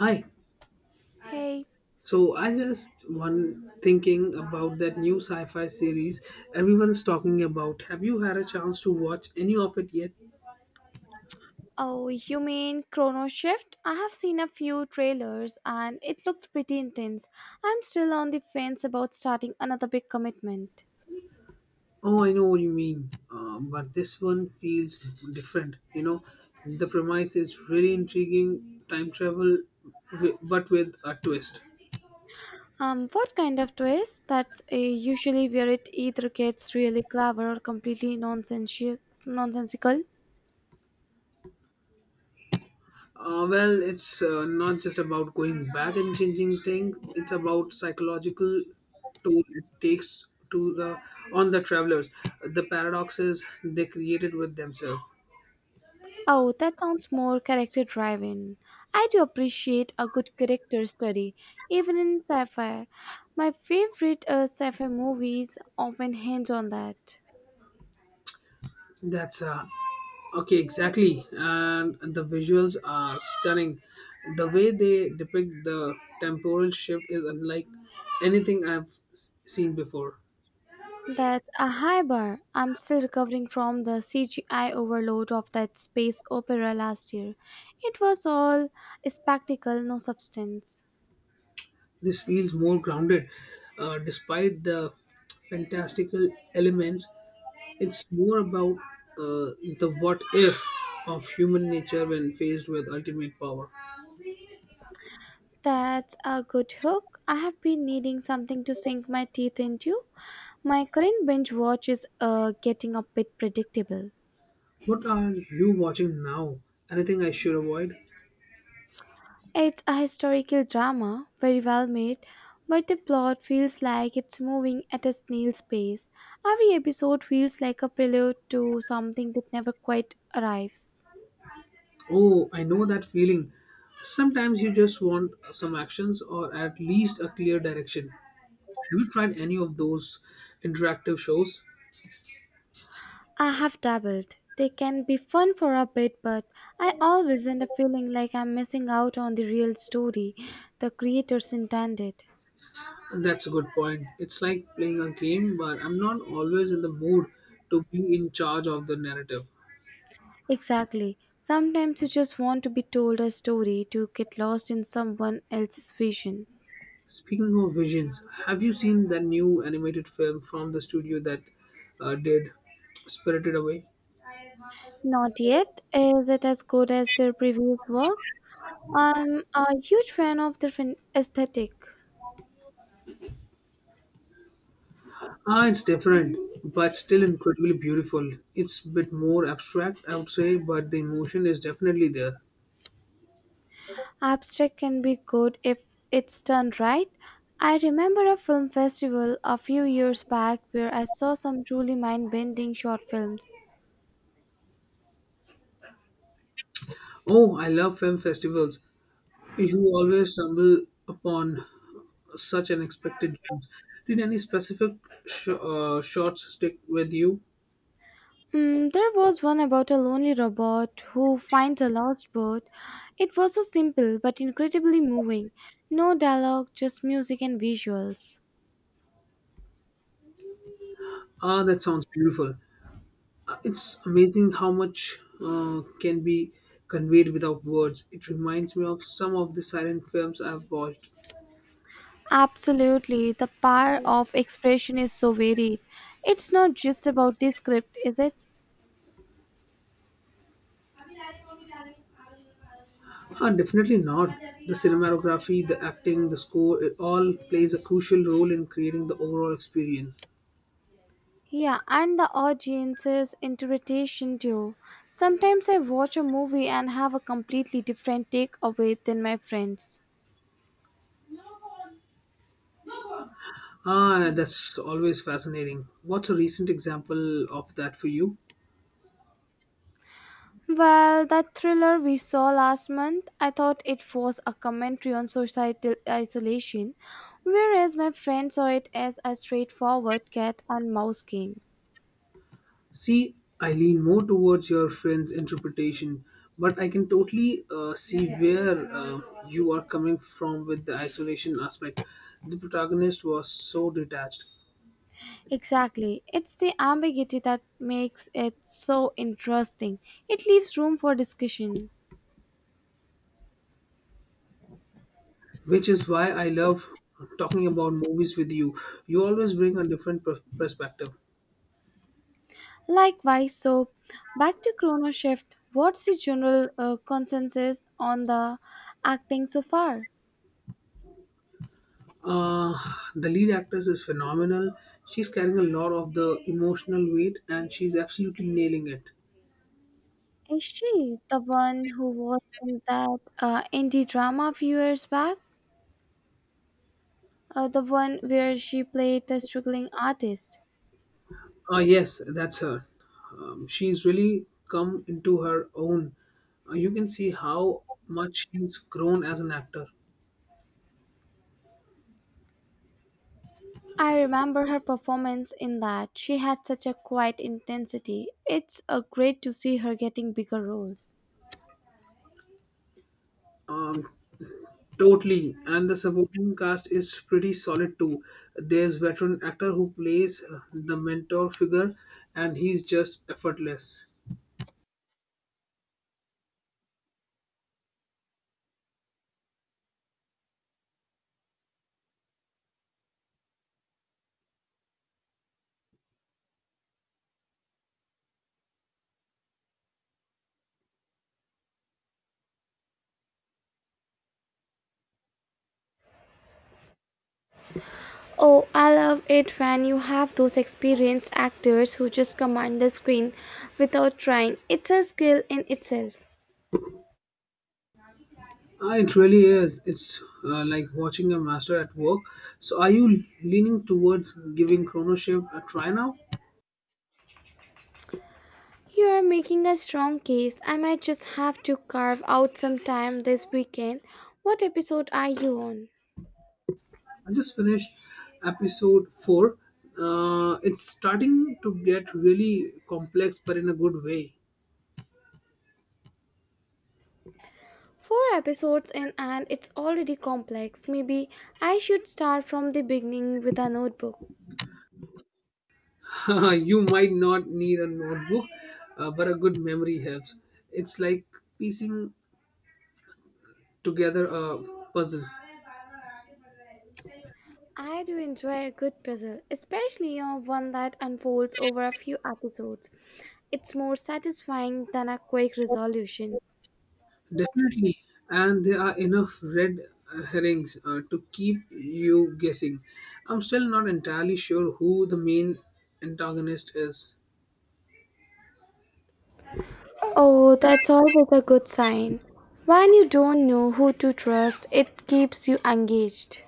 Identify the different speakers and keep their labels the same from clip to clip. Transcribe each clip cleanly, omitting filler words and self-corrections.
Speaker 1: Hi.
Speaker 2: Hey,
Speaker 1: So I just one thinking about that new sci-fi series everyone's talking about. Have you had a chance to watch any of it yet?
Speaker 2: oh, you mean Chrono Shift? I have seen a few trailers and it looks pretty intense. I'm still on the fence about starting another big commitment.
Speaker 1: Oh, I know what you mean. But this one feels different. You know, the premise is really intriguing. Time travel, but with a twist.
Speaker 2: What kind of twist? That's usually where it either gets really clever or completely nonsensical.
Speaker 1: Well, it's not just about going back and changing things. It's about psychological toll it takes to the on the travelers, the paradoxes they created with themselves.
Speaker 2: Oh, that sounds more character driven. I do appreciate a good character study, even in sci fi. My favorite sci fi movies often hinge on that.
Speaker 1: That's uh, okay, exactly. And the visuals are stunning. The way they depict the temporal shift is unlike anything I've seen before.
Speaker 2: That's a high bar. I'm still recovering from the CGI overload of that space opera last year. It was all spectacle, no substance.
Speaker 1: This feels more grounded, despite the fantastical elements. It's more about the what if of human nature when faced with ultimate power.
Speaker 2: That's a good hook. I have been needing something to sink my teeth into. My current binge watch is getting a bit predictable.
Speaker 1: What are you watching now? Anything I should avoid?
Speaker 2: It's a historical drama, very well made, but the plot feels like it's moving at a snail's pace. Every episode feels like a prelude to something that never quite arrives.
Speaker 1: Oh, I know that feeling. Sometimes you just want some actions or at least a clear direction. Have you tried any of those interactive shows?
Speaker 2: I have dabbled. They can be fun for a bit, but I always end up feeling like I'm missing out on the real story the creators intended.
Speaker 1: That's a good point. It's like playing a game, but I'm not always in the mood to be in charge of the narrative.
Speaker 2: Exactly. Sometimes you just want to be told a story to get lost in someone else's vision.
Speaker 1: Speaking of visions, have you seen that new animated film from the studio that did Spirited Away?
Speaker 2: Not yet. Is it as good as their previous work? I'm a huge fan of their aesthetic.
Speaker 1: Ah, it's different, but still incredibly beautiful. It's a bit more abstract, I would say, but the emotion is definitely there.
Speaker 2: Abstract can be good if it's done right. I remember a film festival a few years back where I saw some truly mind bending short films.
Speaker 1: Oh, I love film festivals. You always stumble upon such unexpected gems. Did any specific shots stick with you?
Speaker 2: Mm, there was one about a lonely robot who finds a lost boat. It was so simple but incredibly moving. No dialogue, just music and visuals.
Speaker 1: Ah, that sounds beautiful. It's amazing how much can be conveyed without words. It reminds me of some of the silent films I've watched.
Speaker 2: Absolutely, the power of expression is so varied. It's not just about the script, is it?
Speaker 1: Ah, definitely not. The cinematography, the acting, the score, it all plays a crucial role in creating the overall experience.
Speaker 2: Yeah, and the audience's interpretation too. Sometimes I watch a movie and have a completely different take away than my friends.
Speaker 1: Ah, that's always fascinating. What's a recent example of that for you?
Speaker 2: Well, that thriller we saw last month, I thought it was a commentary on societal isolation, whereas my friend saw it as a straightforward cat and mouse game.
Speaker 1: See, I lean more towards your friend's interpretation, but I can totally see where you are coming from with the isolation aspect. The protagonist was so detached,
Speaker 2: Exactly. It's the ambiguity that makes it so interesting. It leaves room for discussion.
Speaker 1: which is why I love talking about movies with you. You always bring a different perspective.
Speaker 2: Likewise, so back to Chrono Shift, what's the general consensus on the acting so far?
Speaker 1: Uh, the lead actress is phenomenal. She's carrying a lot of the emotional weight and she's absolutely nailing it.
Speaker 2: Is she the one who was in that indie drama a few years back? The one where she played the struggling artist?
Speaker 1: Ah, yes, that's her. She's really come into her own. You can see how much she's grown as an actor.
Speaker 2: I remember her performance in that. She had such a quiet intensity. It's a great to see her getting bigger roles.
Speaker 1: Um, totally. And the supporting cast is pretty solid too. There's veteran actor who plays the mentor figure, and he's just effortless.
Speaker 2: Oh, I love it when you have those experienced actors who just command the screen without trying. It's a skill in itself.
Speaker 1: Ah, it really is. It's like watching a master at work. So, are you leaning towards giving Chrono Shift a try now?
Speaker 2: You are making a strong case. I might just have to carve out some time this weekend. What episode are you on?
Speaker 1: I just finished episode four. It's starting to get really complex, but in a good way.
Speaker 2: Four episodes in, and it's already complex. Maybe I should start from the beginning with a notebook.
Speaker 1: You might not need a notebook, but a good memory helps. It's like piecing together a puzzle.
Speaker 2: I do enjoy a good puzzle, especially you know, one that unfolds over a few episodes. It's more satisfying than a quick resolution.
Speaker 1: Definitely. And there are enough red herrings to keep you guessing. I'm still not entirely sure who the main antagonist is.
Speaker 2: Oh, that's always a good sign. When you don't know who to trust, it keeps you engaged.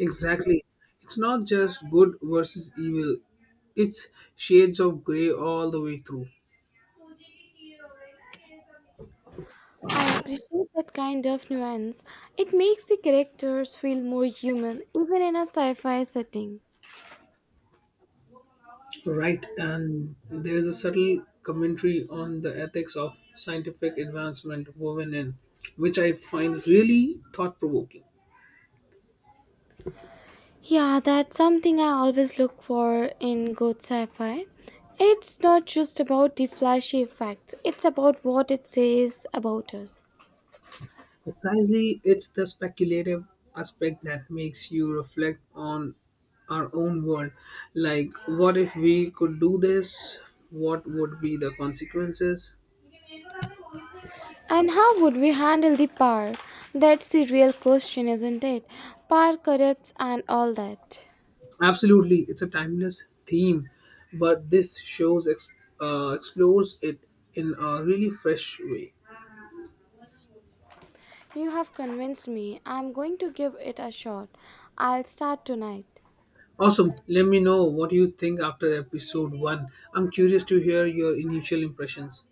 Speaker 1: Exactly. It's not just good versus evil, it's shades of grey all the way through.
Speaker 2: I appreciate that kind of nuance. It makes the characters feel more human, even in a sci fi setting.
Speaker 1: Right, and there's a subtle commentary on the ethics of scientific advancement woven in, which I find really thought provoking.
Speaker 2: Yeah, that's something I always look for in good sci fi. It's not just about the flashy effects, it's about what it says about us.
Speaker 1: Precisely, it's the speculative aspect that makes you reflect on our own world. Like, what if we could do this? What would be the consequences?
Speaker 2: And how would we handle the power? That's the real question, isn't it? Power corrupts and all that.
Speaker 1: Absolutely, it's a timeless theme, but this shows explores it in a really fresh way.
Speaker 2: You have convinced me. I'm going to give it a shot. I'll start tonight.
Speaker 1: Awesome. Let me know what you think after episode one. I'm curious to hear your initial impressions.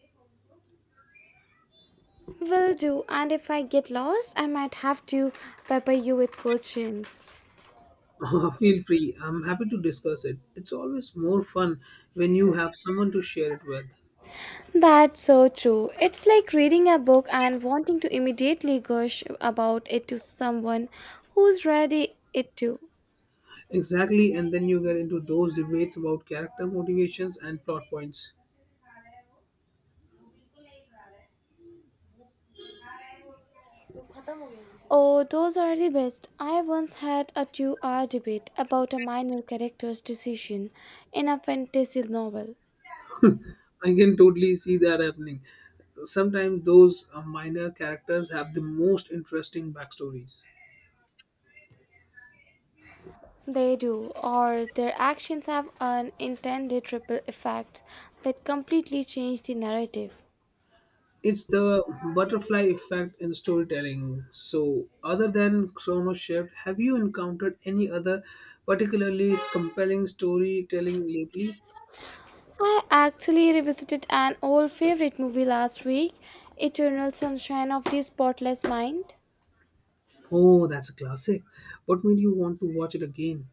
Speaker 2: Will do, and if I get lost, I might have to pepper you with questions.
Speaker 1: Feel free. I'm happy to discuss it. It's always more fun when you have someone to share it with.
Speaker 2: That's so true. It's like reading a book and wanting to immediately gush about it to someone who's read it too.
Speaker 1: Exactly, and then you get into those debates about character motivations and plot points.
Speaker 2: Oh, those are the best. I once had a 2 hour debate about a minor character's decision in a fantasy novel.
Speaker 1: I can totally see that happening. Sometimes those minor characters have the most interesting backstories.
Speaker 2: They do, or their actions have unintended ripple effects that completely change the narrative.
Speaker 1: It's the butterfly effect in storytelling. So, other than Chrono Shift, have you encountered any other particularly compelling storytelling lately?
Speaker 2: I actually revisited an old favorite movie last week, Eternal Sunshine of the Spotless Mind.
Speaker 1: Oh, that's a classic. What made you want to watch it again?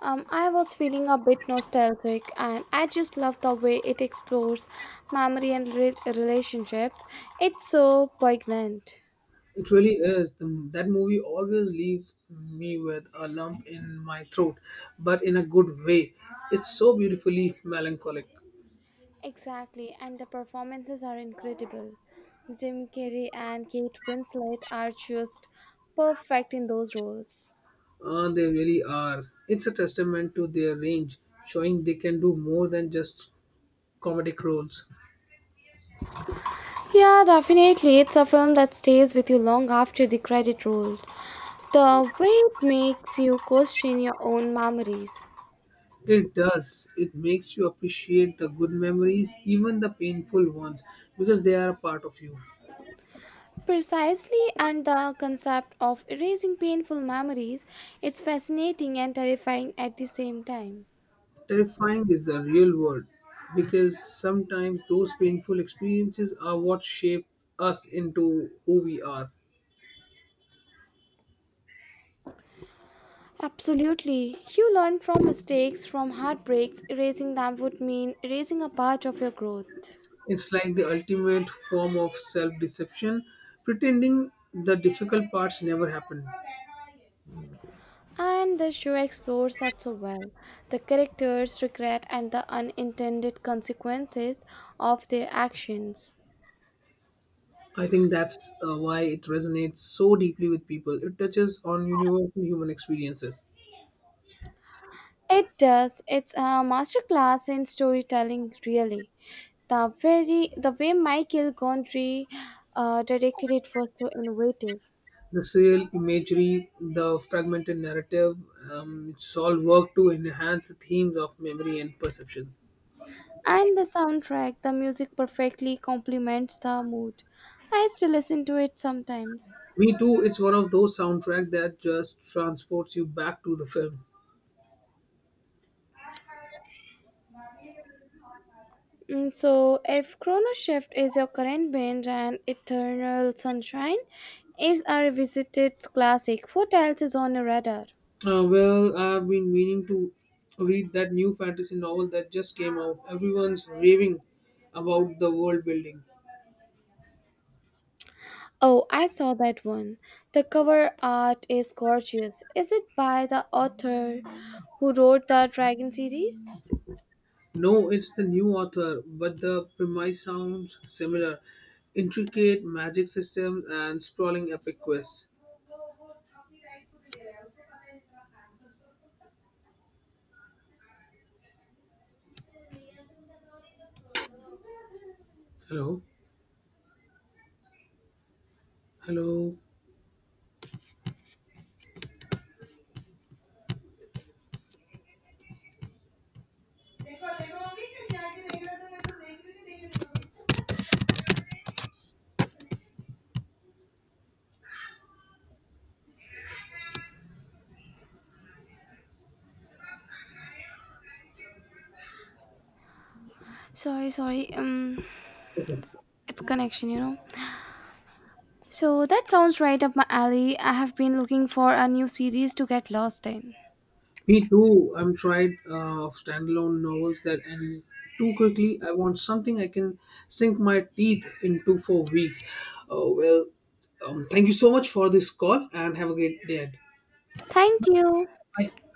Speaker 2: I was feeling a bit nostalgic and I just love the way it explores memory and relationships. It's so poignant.
Speaker 1: It really is. That movie always leaves me with a lump in my throat, but in a good way. It's so beautifully melancholic.
Speaker 2: Exactly, and the performances are incredible. Jim Carrey and Kate Winslet are just perfect in those roles.
Speaker 1: They really are. It's a testament to their range, showing they can do more than just comedic roles.
Speaker 2: Yeah, definitely. It's a film that stays with you long after the credit roll. The way it makes you question your own memories.
Speaker 1: It does. It makes you appreciate the good memories, even the painful ones, because they are a part of you.
Speaker 2: Precisely, and the concept of erasing painful memories, it's fascinating and terrifying at the same time.
Speaker 1: Terrifying is the real word because sometimes those painful experiences are what shape us into who we are.
Speaker 2: Absolutely. You learn from mistakes, from heartbreaks. Erasing them would mean erasing a part of your growth.
Speaker 1: It's like the ultimate form of self deception, pretending the difficult parts never happened.
Speaker 2: And the show explores that so well. The characters' regret and the unintended consequences of their actions.
Speaker 1: I think that's why it resonates so deeply with people. It touches on universal human experiences.
Speaker 2: It does. It's a masterclass in storytelling, really. The way Michael Gondry directed it was so innovative,
Speaker 1: The surreal imagery, the fragmented narrative, it's all work to enhance the themes of memory and perception.
Speaker 2: and the soundtrack, the music perfectly complements the mood. I still listen to it sometimes.
Speaker 1: Me too. It's one of those soundtrack that just transports you back to the film.
Speaker 2: Mm, so, if Chrono Shift is your current binge and Eternal Sunshine is a revisited classic, what else is on your radar?
Speaker 1: Well, I've been meaning to read that new fantasy novel that just came out. Everyone's raving about the world building.
Speaker 2: Oh, I saw that one. The cover art is gorgeous. Is it by the author who wrote the Dragon series?
Speaker 1: No, it's the new author, but the premise sounds similar. Intricate magic systems and sprawling epic quests. Hello? Hello?
Speaker 2: Sorry. It's connection, you know. So that sounds right up my alley. I have been looking for a new series to get lost in.
Speaker 1: Me too. I'm tried of standalone novels that end too quickly. I want something I can sink my teeth into for weeks. Uh, well, thank you so much for this call and have a great day.
Speaker 2: Thank you.
Speaker 1: Bye.